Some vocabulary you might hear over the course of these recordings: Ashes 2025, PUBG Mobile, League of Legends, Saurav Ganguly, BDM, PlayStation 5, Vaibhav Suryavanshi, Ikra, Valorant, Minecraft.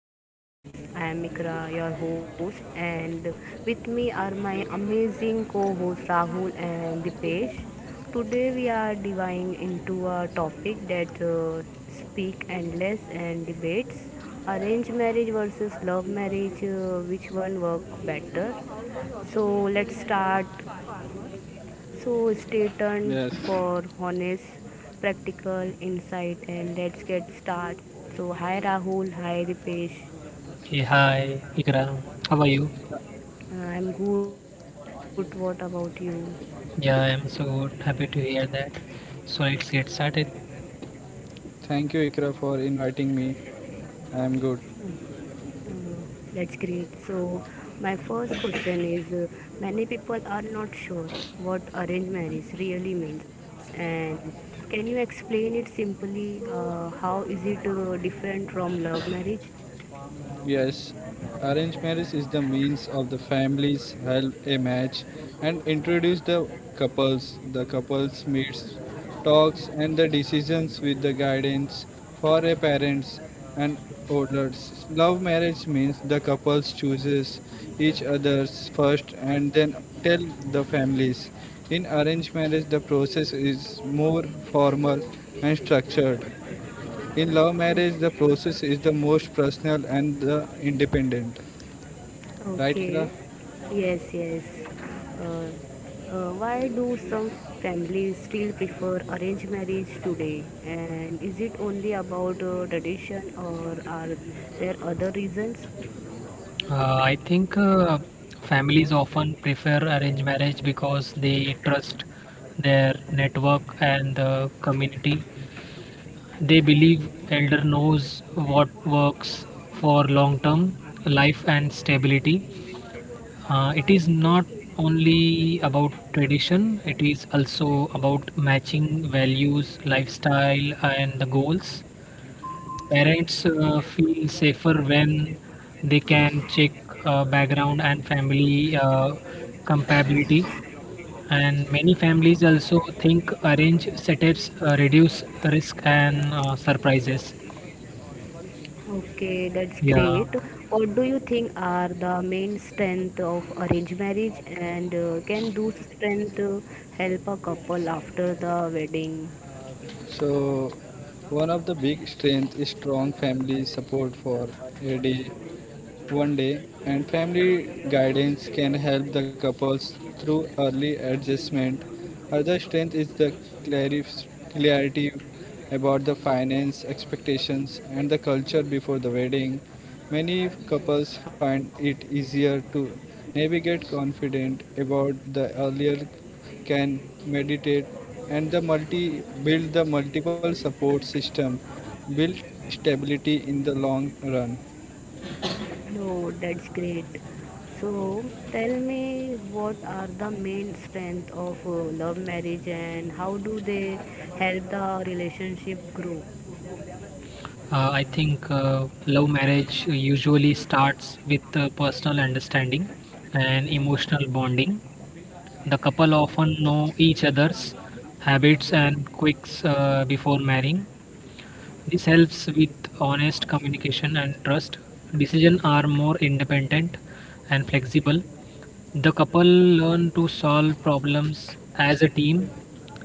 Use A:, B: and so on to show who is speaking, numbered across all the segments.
A: to the podcast. I am Ikra, your host, and with me are my amazing co-hosts Rahul and Dipesh. Today we are diving into a topic that speak endless and debates arranged marriage versus love marriage. Which one work better? So let's start so stay tuned
B: Yes.
A: for honest, practical insight, and let's get started. So hi Rahul, hi Dipesh.
C: Hey, hi, Ikram. How are you?
A: I'm good. What about you?
C: Yeah, I'm so good. Happy to hear that. So let's get started.
B: Thank you, Ikra, for inviting me. I'm good.
A: Uh, that's great. So my first question is: many people are not sure what arranged marriage really means, and can you explain it simply? How is it different from love marriage?
B: Yes, arranged marriage is the means of the families help a match and introduce the couples. The couples meets, talks, and the decisions with the guidance for a parents and elders. Love marriage means the couples chooses each other's first and then tell the families. In arranged marriage, the process is more formal and structured. In love marriage, the process is the most personal and the independent, right, Ikra?
A: Okay. Yes, yes. Uh, why do some families still prefer arranged marriage today? And is it only about tradition or are there other reasons?
C: I think families often prefer arranged marriage because they trust their network and the community. They believe elder knows what works for long-term life and stability. It is not only about tradition, it is also about matching values, lifestyle, and the goals. Parents feel safer when they can check background and family compatibility. And many families also think arrange setups reduce risk and surprises.
A: Okay, that's
C: Yeah.
A: great. What do you think are the main strength of arranged marriage and can those strengths help a couple after the wedding?
B: So, one of the big strength is strong family support for AD One
A: What
B: day,
A: is the
B: and
A: goal
B: family
A: here?
B: guidance can help the couples through early adjustment. Other strength is the clarity about the finance expectations and the culture before the wedding. Many couples find it easier to navigate confident about the earlier can meditate and the multi build the multiple support system build stability in the long run.
A: No, that's great. So, tell me what are the main strength of love marriage and how do they help the relationship grow?
C: I think love marriage usually starts with personal understanding and emotional bonding. The couple often know each other's habits and quirks before marrying. This helps with honest communication and trust. Decisions are more independent and flexible. The couple learn to solve problems as a team,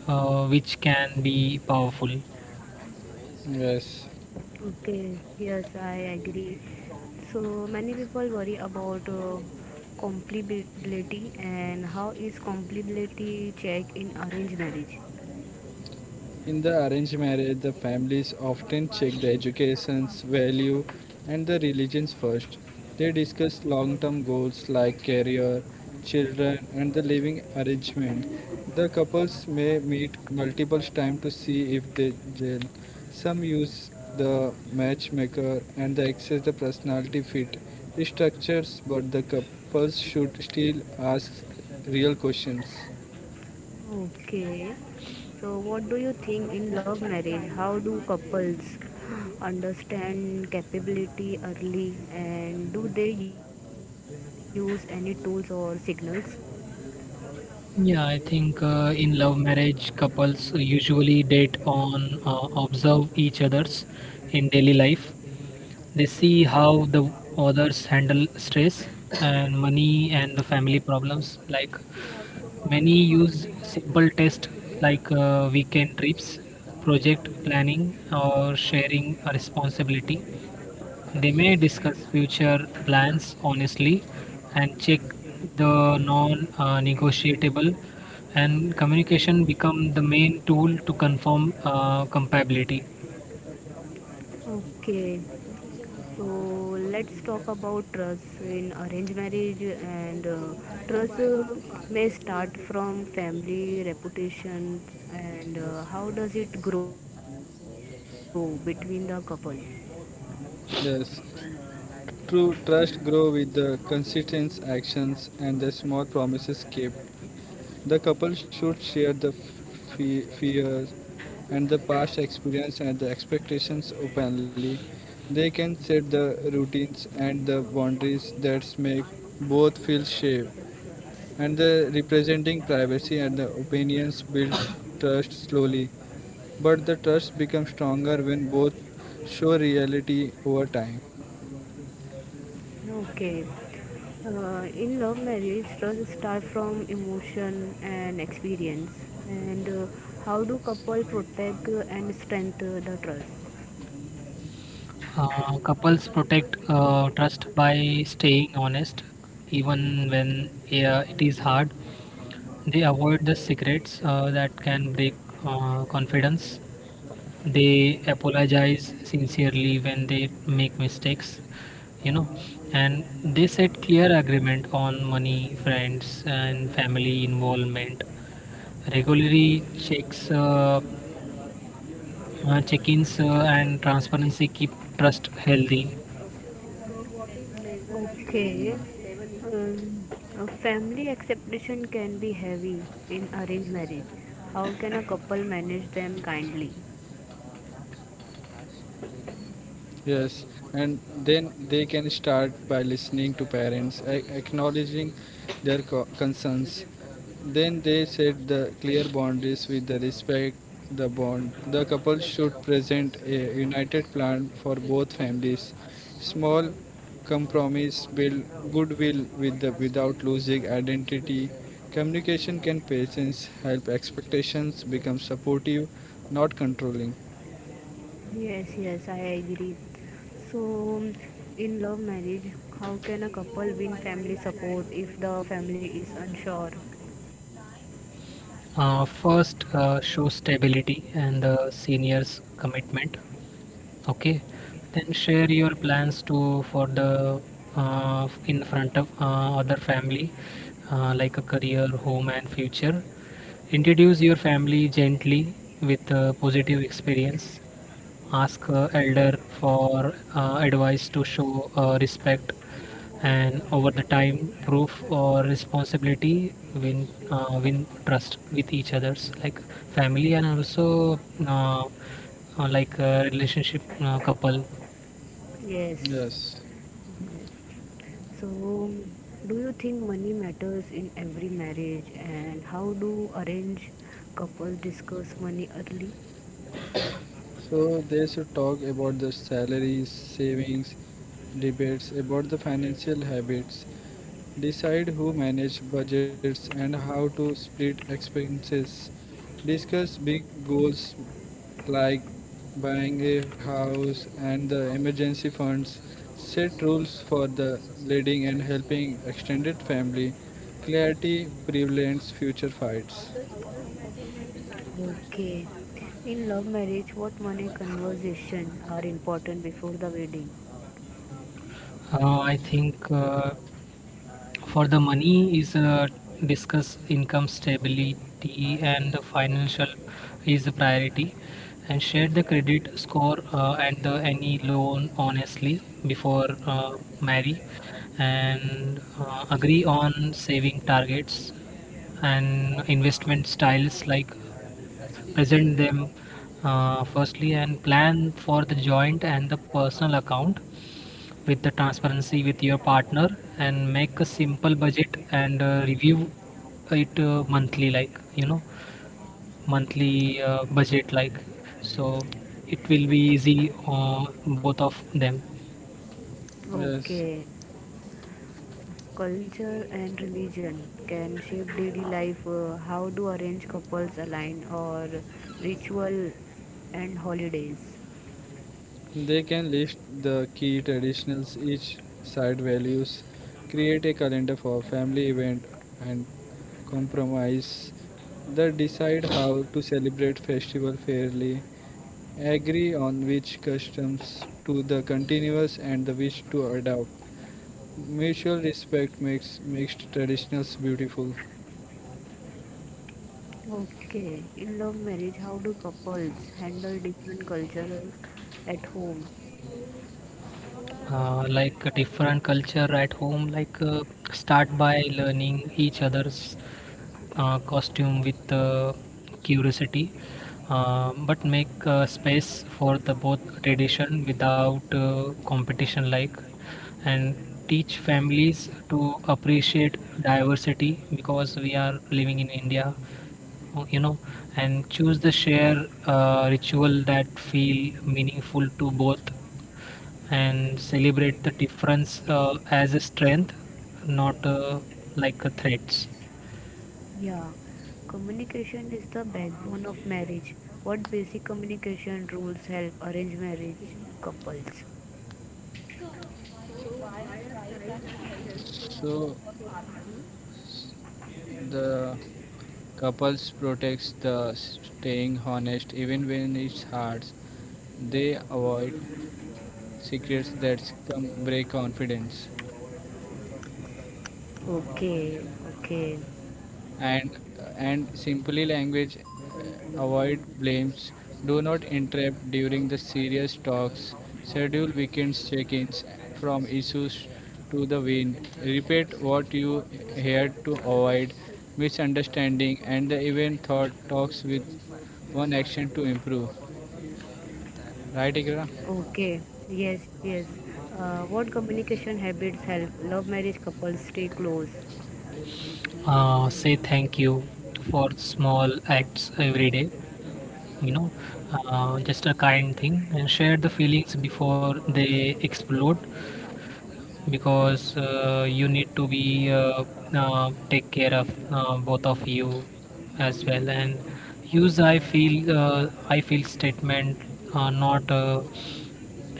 C: which can be powerful.
B: Yes.
A: Okay, yes, I agree. So, many people worry about compatibility and how is compatibility checked in arranged marriage?
B: In the arranged marriage, the families often check the education's value and the religions first. They discuss long term goals like career, children, and the living arrangement. The couples may meet multiple times to see if they gel. Some use the matchmaker and they access the personality fit structures, but the couples should still ask real questions.
A: Okay. So, what do you think in love marriage? How do couples understand capability early and do they use any tools or signals?
C: Yeah, I think in love marriage, couples usually date on observe each other's in daily life. They see how the others handle stress and money and the family problems. Like many use simple tests like weekend trips, project planning, or sharing a responsibility. They may discuss future plans honestly and check the non negotiable, and communication become the main tool to confirm compatibility.
A: Okay. So, let's talk about trust. So, in arranged marriage and trust may start from family reputation and how does it grow between the couple?
B: Yes, true trust grow with the consistent actions and the small promises kept. The couple should share the fears and the past experience and the expectations openly. They can set the routines and the boundaries that make both feel safe. And the representing privacy and the opinions build trust slowly but the trust becomes stronger when both show reality over time.
A: Okay. In love marriage, trust starts from emotion and experience. And how do couple protect and strengthen the trust?
C: Couples protect trust by staying honest, even when yeah, it is hard. They avoid the secrets that can break confidence. They apologize sincerely when they make mistakes, you know, and they set clear agreement on money, friends, and family involvement. Regularly checks, check-ins, and transparency keep trust healthy.
A: Okay.
B: Mm,
A: A family acceptation can be heavy in arranged marriage. How can a couple manage them kindly?
B: Yes, and then they can start by listening to parents, acknowledging their concerns. Then they set the clear boundaries with the respect the bond. The couple should present a united plan for both families. Small compromise build goodwill with the without losing identity. Communication can patience help expectations become supportive, not controlling.
A: Yes, yes, I agree. So, in love marriage, how can a couple win family support if the family is unsure?
C: First, show stability and the seniors' commitment. Okay, then share your plans to for the in front of other family, like a career, home, and future. Introduce your family gently with a positive experience ask elder for advice to show respect and over the time proof or responsibility win win trust with each others like family and also uh, like relationship couple.
A: Yes,
B: Yes.
A: yes. So, do you think money matters in every marriage, and how do arranged couples discuss money early?
B: So they should talk about the salaries, savings, debates about the financial habits. Decide who manage budgets and how to split expenses. Discuss big goals like buying a house and the emergency funds, set rules for the leading and helping extended family, clarity prevents future fights.
A: Okay. In love marriage, what money conversation are important before the wedding?
C: I think for the money is discuss income stability and the financial is a priority and share the credit score and the, any loan honestly before marry and agree on saving targets and investment styles like present them firstly and plan for the joint and the personal account with the transparency with your partner and make a simple budget and review it monthly like you know monthly budget like so it will be easy on both of them.
B: Yes,
A: Okay. Culture and religion can shape daily life. How do arranged couples align or ritual and holidays?
B: they can list the key traditionals each side values, create a calendar for family event and compromise. They decide how to celebrate festival fairly agree on which customs to the continuous and the which to adopt. Mutual respect makes makes traditionals beautiful.
A: Okay, in love marriage, how do couples handle different culture at home?
C: Like a different culture at home like start by learning each other's costume with curiosity, but make space for the both tradition without competition like and teach families to appreciate diversity because we are living in India, you know, and choose the share ritual that feel meaningful to both and celebrate the difference as a strength not like a threats.
A: Yeah, communication is the backbone of marriage. What basic communication rules help arrange marriage couples?
B: So the couples protects the staying honest even when it's hard. They avoid secrets that come break confidence.
A: Okay, okay.
B: And simply language, avoid blames, do not interrupt during the serious talks, schedule weekends check-ins from issues to the win, repeat what you heard to avoid misunderstanding and the event thought talks with one action to improve, right, ikra?
A: Okay, yes, yes. What communication habits help love marriage couples stay close?
C: Say thank you for small acts every day you know, just a kind thing, and share the feelings before they explode because you need to be take care of both of you as well, and use I feel statement, not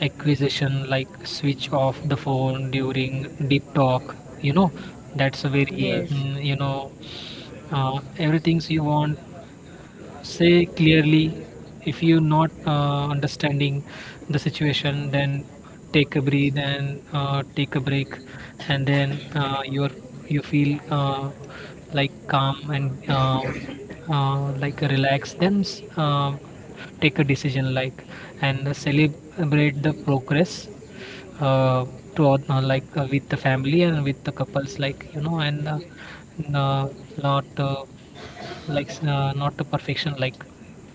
C: acquisition, like switch off the phone during deep talk you know, that's a very
A: Yes,
B: Yes.
C: you know, everything you want say clearly. If you're not understanding the situation, then take a breathe and take a break, and then you feel like calm and like relaxed, then take a decision like, and celebrate the progress uh, like with the family and with the couples like you know, and n- uh, not like not to perfection, like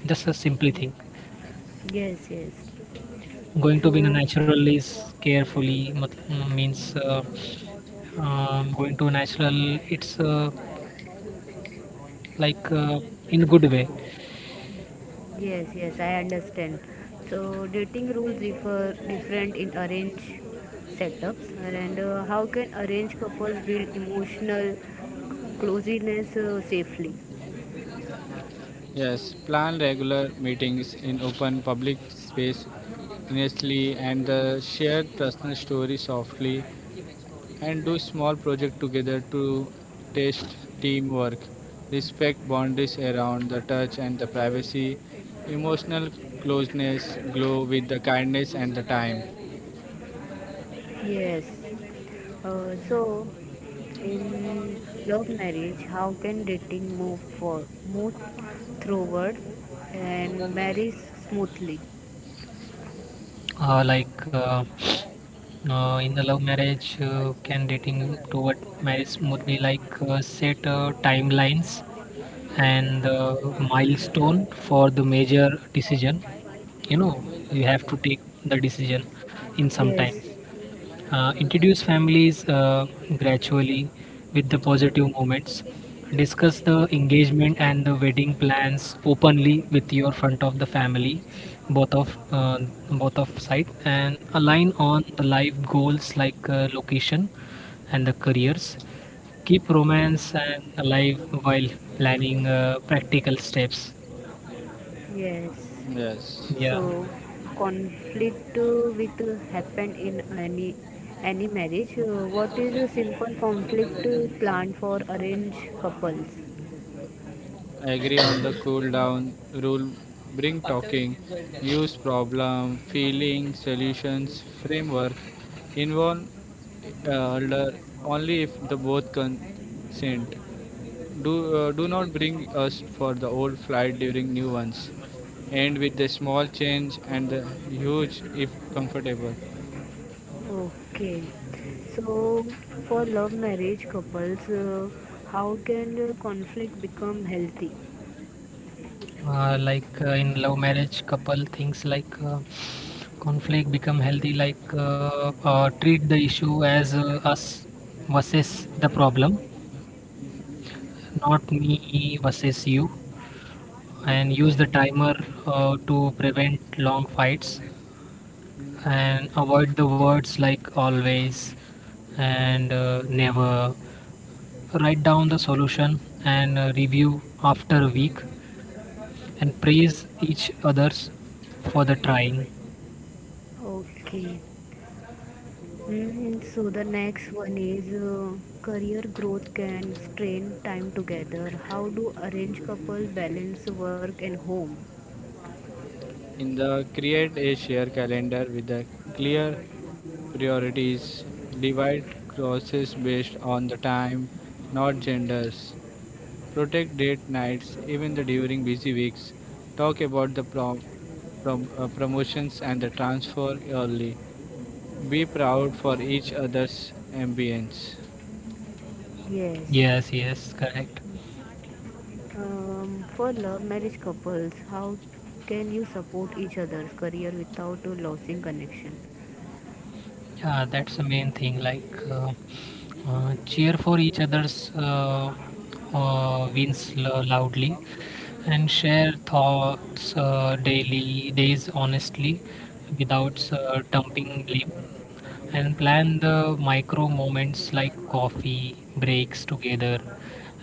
C: just a simply thing
A: yes, yes.
C: going to
A: So,
C: be in a natural is carefully mat- means going to natural it's like in good way.
A: yes, yes, I understand. So, dating rules differ different in arranged setups, and how can arranged couples build emotional closeness safely?
B: Yes, plan regular meetings in open public space honestly and share personal stories softly and do small project together to test teamwork, respect boundaries around the touch and the privacy. Emotional closeness glow with the kindness and the time.
A: Yes. So, in love marriage, how can dating move forward and marriage smoothly?
C: uh, like uh, in the love marriage can dating toward marriage would be like set timelines and milestone for the major decision you know, you have to take the decision in some time.
A: Yes,
C: Introduce families gradually with the positive moments, discuss the engagement and the wedding plans openly with your front of the family both of uh, both of side, and align on the life goals like location and the careers, keep romance and alive while planning practical steps.
A: yes.
B: Yes.
C: yeah
A: So, conflict with happen in any marriage. What is a simple conflict plan for arranged couples?
B: I agree on the cool down rule. Bring talking, use problem, feeling, solutions, framework. Involve elder only if the both consent. Do not bring us for the old flight during new ones. End with the small change and the huge if comfortable.
A: Okay. So, for love marriage couples, how can conflict become healthy?
C: in love marriage couple things like conflict become healthy like treat the issue as us versus the problem, not me versus you, and use the timer to prevent long fights, and avoid the words like always and never. Write down the solution and review after a week, and praise each others for the trying.
A: Okay. Mm, so the next one is career growth can strain time together. How do arranged couple balance work and home?
B: In the create a share calendar with the clear priorities, divide crosses based on the time not genders, protect date nights even the during busy weeks, talk about the promotions and the transfer early, be proud for each other's ambience.
A: Yes.
C: Yes, yes, correct.
A: For love marriage couples, how can you support each other's career without losing connection?
C: Yeah, that's the main thing. Like, cheer for each other's wins loudly, and share thoughts daily, days honestly, without dumping blame, and plan the micro moments like coffee breaks together,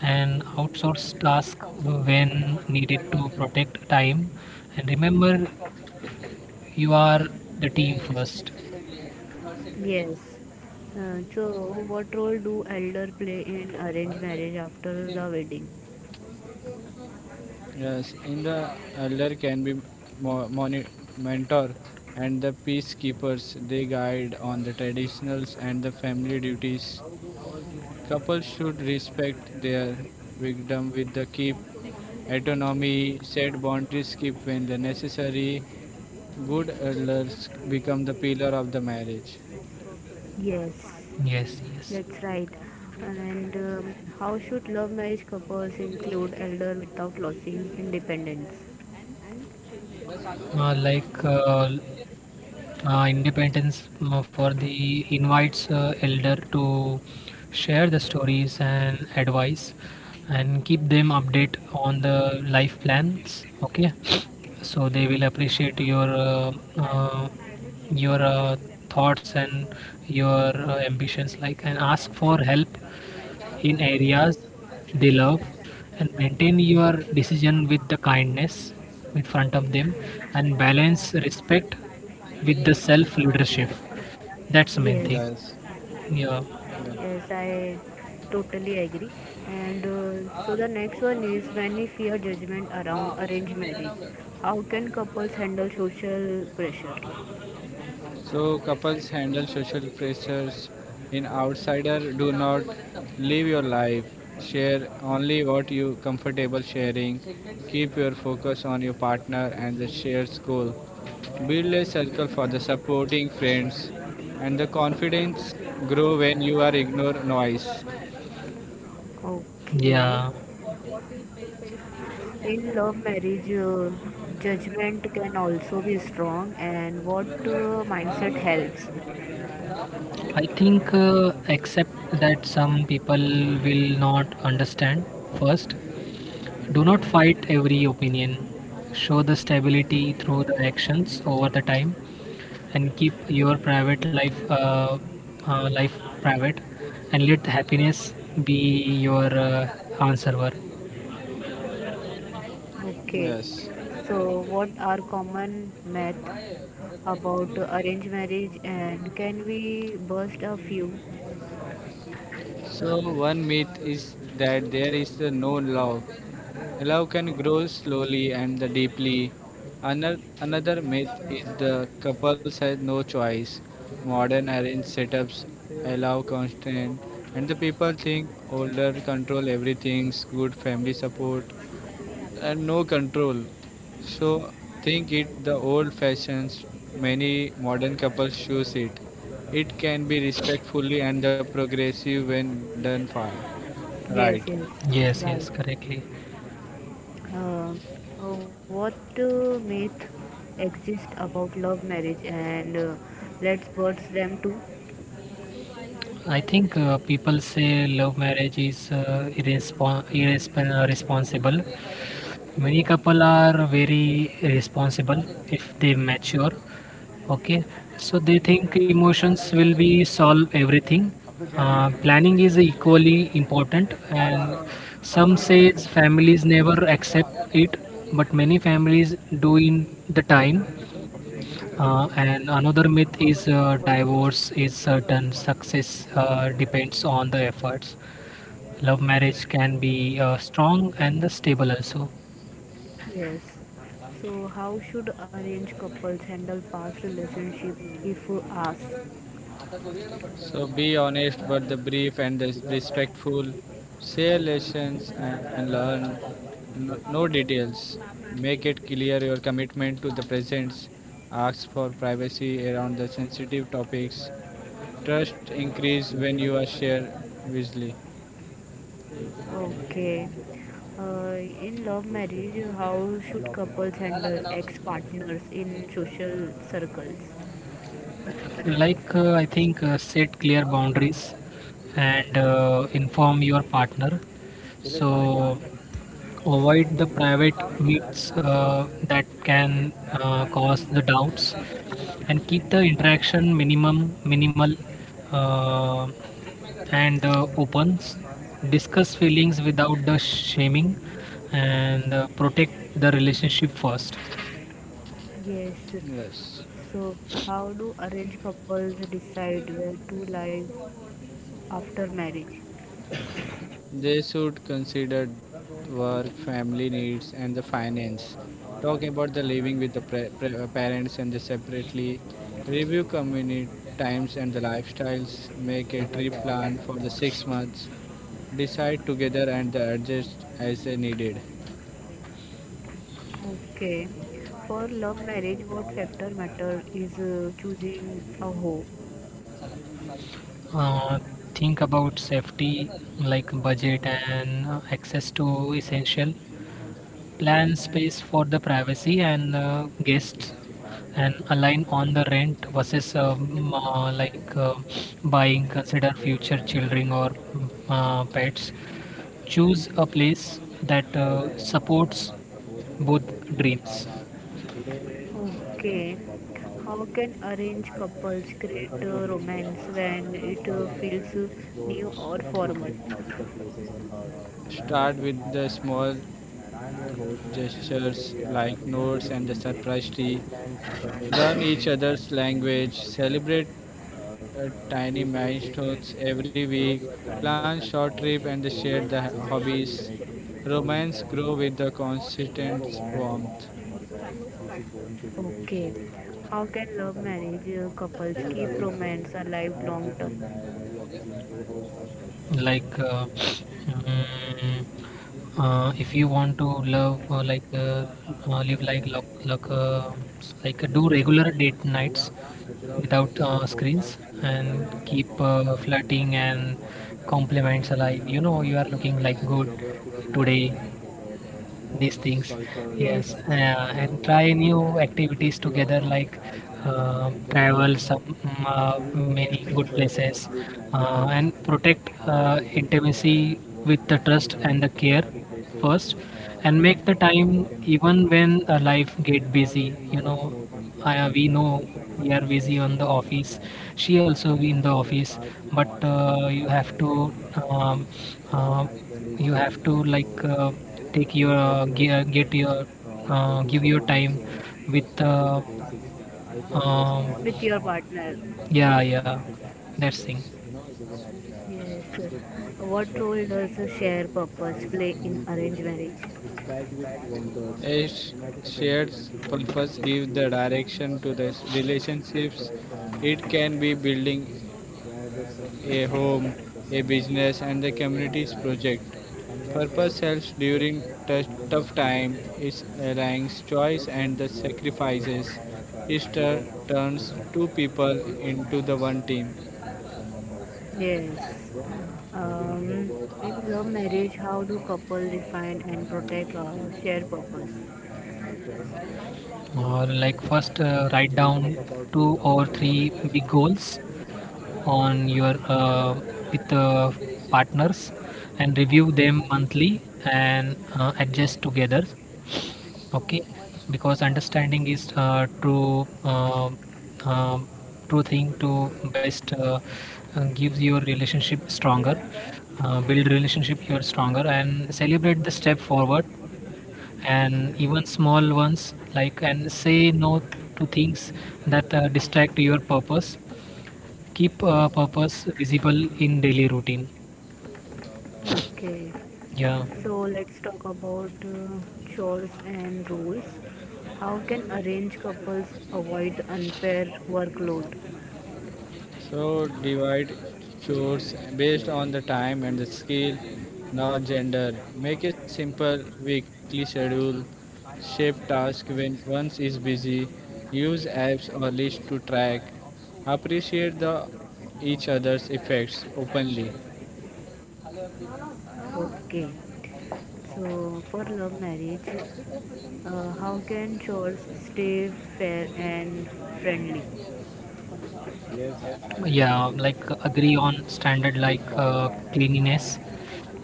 C: and outsource task when needed to protect time, and remember, you are the team first.
A: Yes. So, what role do elder play in arranged marriage after the wedding?
B: Yes, in the elder can be mo- moni- mentor and the peacekeepers, they guide on the traditionals and the family duties.
C: How do all these modern
B: Couples should respect
C: technology help?
B: their victim with the keep autonomy, set boundaries keep when the necessary. Good elders become the pillar of the marriage.
A: Yes, that's right. And how should love marriage couples include elder without losing independence?
C: like uh, Independence for the invites elder to share the stories and advice, and keep them update on the life plans, okay, so they will appreciate uh, your thoughts and your ambitions like, and ask for help in areas they love, and maintain your decision with the kindness in front of them, and balance respect with the self leadership. That's the main thing.
A: Yes,
B: Yes.
C: Yeah,
A: yes,
B: Yeah.
A: I totally agree. And so the next one is when we fear judgment around arranged marriage, how can couples handle social pressure?
B: So couples handle social pressures. In outsider, do not live your life. Share only what you comfortable sharing. Keep your focus on your partner and the shared goal. Build a circle for the supporting friends, and the confidence grow when you are ignore noise.
A: Okay,
C: yeah.
A: in love marriage, judgment can also be strong, and what mindset helps?
C: I think except that some people will not understand first. Do not fight every opinion, show the stability through the actions over the time, and keep your private life life private, and let happiness be your answer.
A: Okay,
B: Yes.
A: so what are common myths about arranged marriage and can we bust a few?
B: So one myth is that there is a no love. Love can grow slowly and deeply. Another myth is the couples have no choice. Modern arranged setups allow constant, and the people think older control everything, good family support, and no control. So think it the old fashions many modern couples choose it. It can be respectfully and the progressive when done far. Right.
A: Yes, yes,
C: Yes, yes,
A: right.
C: correctly.
A: Uh, what myth exist about love marriage and let's bust them too?
C: I think people say love marriage is responsible. Many couple are very responsible if they mature. Okay, so they think emotions will be solve everything. Planning is equally important, and some says families never accept it, but many families do in the time. And another myth is divorce is certain, success depends on the efforts. Love marriage can be strong and the stable also.
A: Yes. So how should arranged couples handle past relationship if asked?
B: So be honest, but the brief and the respectful. Share lessons and learn. No, no details. Make it clear your commitment to the presence. Ask for privacy around the sensitive topics. Trust increase when you are shared visually.
A: Okay. Uh, in love marriage, how should couples handle ex-partners in social circles?
C: Like, I think set clear boundaries and inform your partner. So, avoid the private meets that can cause the doubts, and keep the interaction minimum minimal uh, and opens discuss feelings without the shaming, and protect the relationship first.
A: Yes.
B: Yes.
A: So, how do arranged couples decide where to live after marriage?
B: They should consider work, family needs, and the finance. Talk about the living with the parents and the separately. Review community times and the lifestyles. Make a trip plan for the 6 months. Decide together and the adjust as they needed.
A: Okay. For love marriage, what factor matter is choosing a home?
C: uh, think about safety like budget and access to essential, plan space for the privacy and guests, and align on the rent versus like buying, consider future children or pets, choose a place that supports both dreams.
A: Okay. How can arranged couples create a romance when it feels new or formal?
B: Start with the small gestures like notes and the surprise tree. Learn each other's language. Celebrate tiny milestones every week, plan short trip and share the hobbies. Romance grow with the consistent warmth.
A: Okay. How can love marriage couples keep romance alive long term?
C: like uh, mm, if you want to love like live like do regular date nights without screens, and keep flirting and compliments alive. You know, you are looking like good today. These things,
A: Yes,
C: yes, and try new activities together like travel some many good places, and protect intimacy with the trust and the care first, and make the time even when life get busy, you know. We know we are busy on the office, she also be in the office, but um, uh, you have to like take your ge- get your give your time with
A: with
C: um,
A: your partner.
C: yeah, yeah, that's thing.
A: Yes. What role does a shared purpose play in arranged marriage?
B: A shared purpose gives the direction to the relationships, it can be building a home, a business, and the community's project. Purpose helps during tough time. It aligns choice and the sacrifices. It turns
A: Do
B: two people into the one team.
A: the. Yes. So, yeah, um, in love marriage, how do couple define and protect shared purpose?
C: Like first, write Let's talk about two or yeah, three big goals on your with partners, and review them monthly and adjust together, okay, because understanding is true um thing to best gives your relationship stronger build relationship here stronger, and celebrate the step forward, and even small ones like, and say no to things that distract your purpose, keep purpose visible in daily routine.
A: Okay.
C: Yeah.
A: So let's talk about chores and rules. How can arranged couples avoid unfair workload?
B: So divide chores based on the time and the skill, not gender. Make a simple weekly schedule. Shape task when once is busy. Use apps or lists to track. Appreciate the each other's effects openly.
A: Okay. So for love marriage, how can chores stay fair and friendly?
C: Yeah, agree. Like agree on standard like cleanliness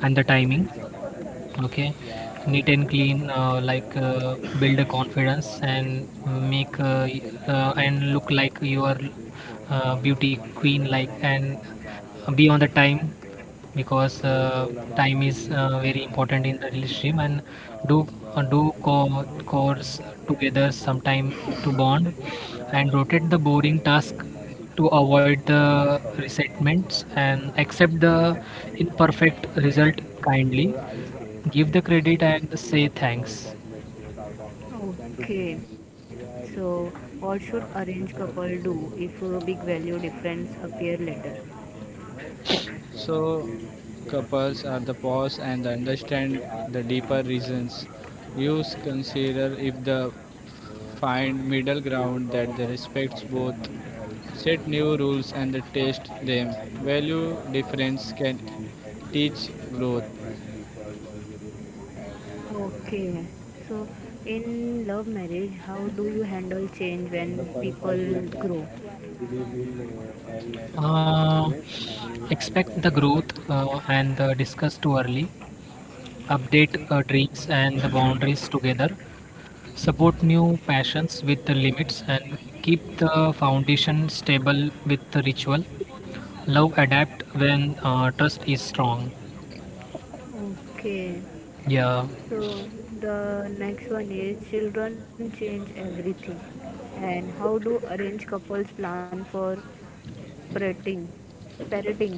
C: and the timing, okay. Neat and clean like build a confidence and make and look like you are beauty queen like, and be on the time, because time is very important in the relationship, and do do course together sometime to bond, and rotate the boring task to avoid the resentments, and accept the imperfect result kindly. Give the credit and say thanks.
A: Okay, so what should arranged couple do if a big value difference appear later?
B: So couples are the pause and understand the deeper reasons. You consider if the find middle ground that the respects both, set new rules and the test them. Value difference can teach growth.
A: Okay. So, in love marriage, how do you handle change when people grow?
C: Uh, Expect the growth and the discuss too early, update dreams and the boundaries together, support new passions with the limits, and keep the foundation stable with the ritual. Love adapt when trust is strong.
A: Okay.
C: Yeah.
A: So the next one is children change everything. And how do arranged couples plan for parenting? Parenting.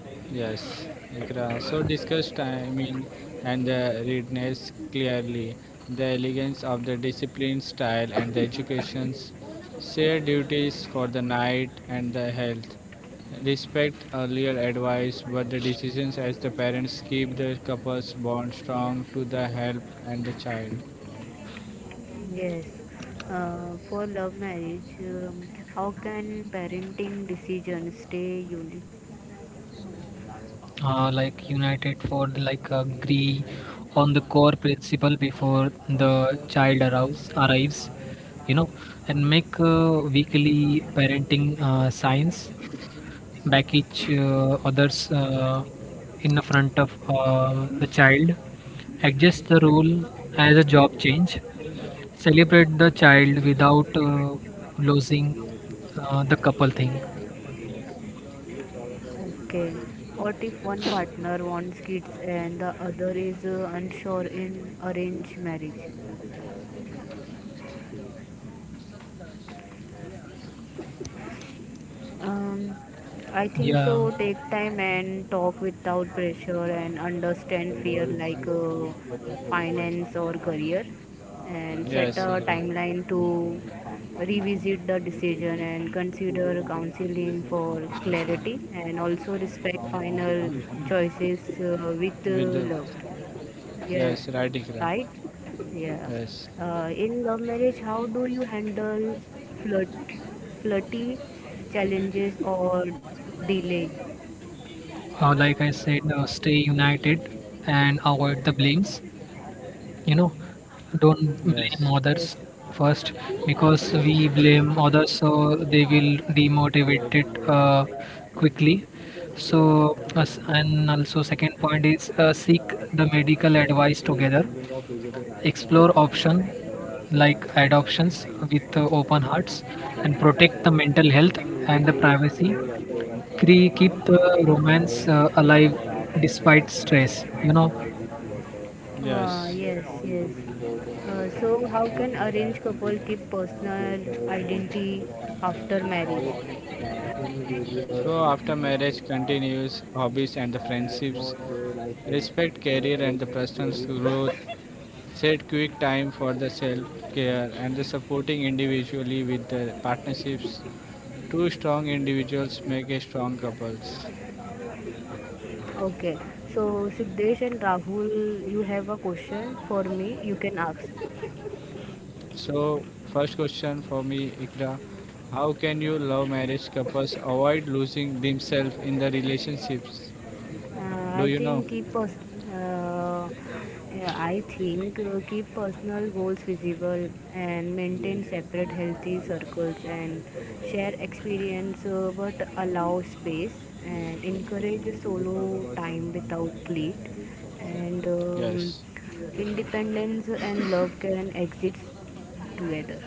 B: Yes, Ikra. So discuss timing and the readiness clearly, the elegance of the discipline style and the educations, share duties for the night and the health. Respect earlier advice, but the decisions as the parents keep the couple's bond strong to the help and the child.
A: Yes. For love marriage, how can parenting decisions stay unique?
C: Like united for the, like agree on the core principle before the child arrives, you know, and make weekly parenting signs, back each others in the front of the child, adjust the rule as a job change, celebrate the child without losing the couple thing.
A: Okay. What if one partner wants kids and the other is unsure in arranged marriage? Um, I think
C: Yeah.
A: so. Take time and talk without pressure and understand fear like finance or career and set
B: Yes,
A: a
B: Ikra.
A: timeline to revisit the decision and consider counseling for clarity and also respect final choices with
B: With the
A: love. Yes,
B: yes, right, Ikra.
A: right? Yeah.
B: Yes.
A: In love marriage, how do you handle flirt, flirty challenges or delay?
C: Like I said, stay united and avoid the blames. You know, don't
B: Yes,
C: blame
A: Yes.
C: others first, because we blame others, so they will demotivate it quickly. So, us, and also second point is seek the medical advice together. Explore option like adoptions with open hearts, and protect the mental health and the privacy. Keep the romance alive despite stress, you know.
A: Yes,
B: yes.
A: yes. So, how can arranged couple keep personal identity after marriage?
B: So after marriage continues hobbies and the friendships, respect career and the personal growth, set quick time for the self care and the supporting individually with the partnerships. Two strong individuals make a strong couples.
A: Okay. So, Siddesh and Rahul, you have a question for me. You can ask.
B: So first question for me, Ikra, how can you love marriage couples avoid losing themselves in the relationships? Do
A: I
B: you know?
A: think keep pers- uh, yeah, I think keep personal goals visible and maintain separate healthy circles and share experience but allow space and encourage solo time without guilt and
B: Yes.
A: independence and love can exist together.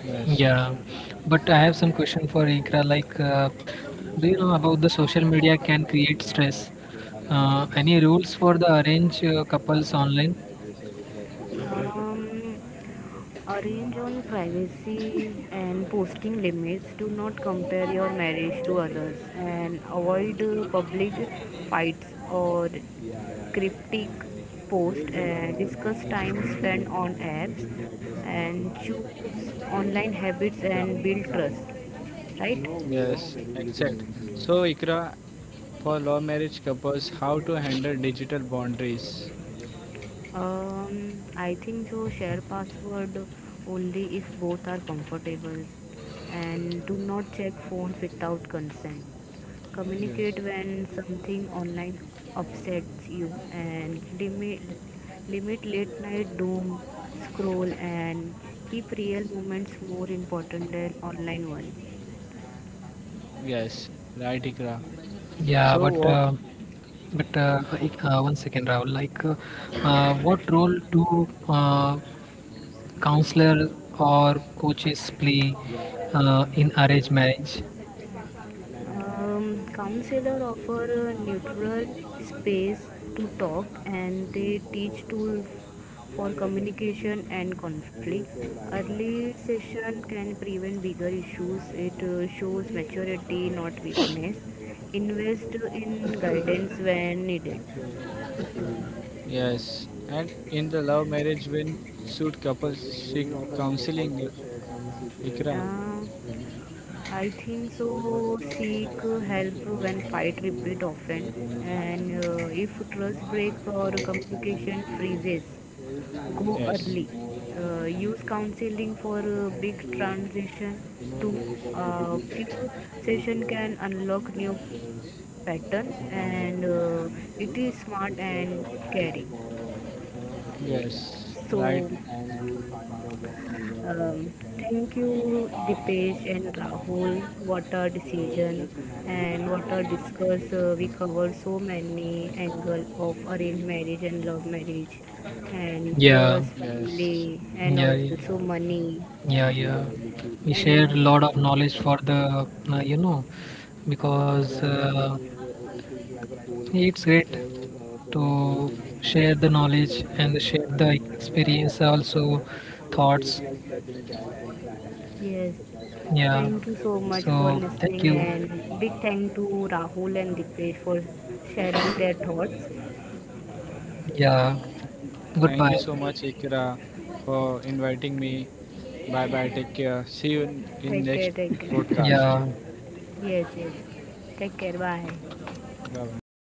B: Yes.
C: Yeah, but I have some question for Ikra. Like, do you know about the social media can create stress? Any rules for the arranged couples online?
A: Um, Arrange on privacy and posting limits. Do not compare your marriage to others and avoid public fights or cryptic posts. And discuss time spent on apps and choose online habits and build trust. Right?
B: Yes, exact. So, Ikra, for law marriage couples, how to handle digital boundaries?
A: I think so. Share password only if both are comfortable, and do not check phones without consent.
B: Yes.
A: Communicate when something online upsets you, and limit late night doom scroll, and keep real moments more important than online one.
B: Architecture right, Ikra.
C: Yeah,
B: wha-
C: one
B: Expressions.
C: second, Rahul. Like, what role do counselor or coaches play in arranged marriage?
A: Counselor offer a neutral space to talk and they teach tools for communication and conflict. Early session can prevent bigger issues. It shows maturity, not weakness. Invest in guidance when needed.
B: Yes, and in the love marriage, when should couples seek counseling, Ikra?
A: Uh, I think so. Seek help when fight repeat often, and if trust breaks or communication freezes, go early. Use counseling for big transition. To Few session can unlock new pattern, and it is smart and caring.
B: Yes,
A: So,
B: right.
A: um, thank you, Dipesh and Rahul. What a decision and what a discuss. We covered so many angle of arranged marriage and love marriage, and
C: Yeah,
A: trust,
B: Yes.
A: family, and
C: yeah, yeah,
A: also
C: yeah.
A: money.
C: Yeah, yeah. We shared a
A: And
C: lot of knowledge for the, you know, because it's great to share the knowledge and share the experience, also thoughts.
A: yes,
C: Yeah.
A: thank you so much for
C: So thank
A: listening.
C: you.
A: And big thank to Rahul and Dipesh for sharing their thoughts.
C: Yeah.
B: Thank you
C: Goodbye.
B: so much, Ikra, for inviting me. Bye bye. Take care. See you in,
A: Take care.
B: next
A: Take care.
C: Yeah.
B: podcast.
A: Yes. Yes. Take care. Bye.
B: Bye bye.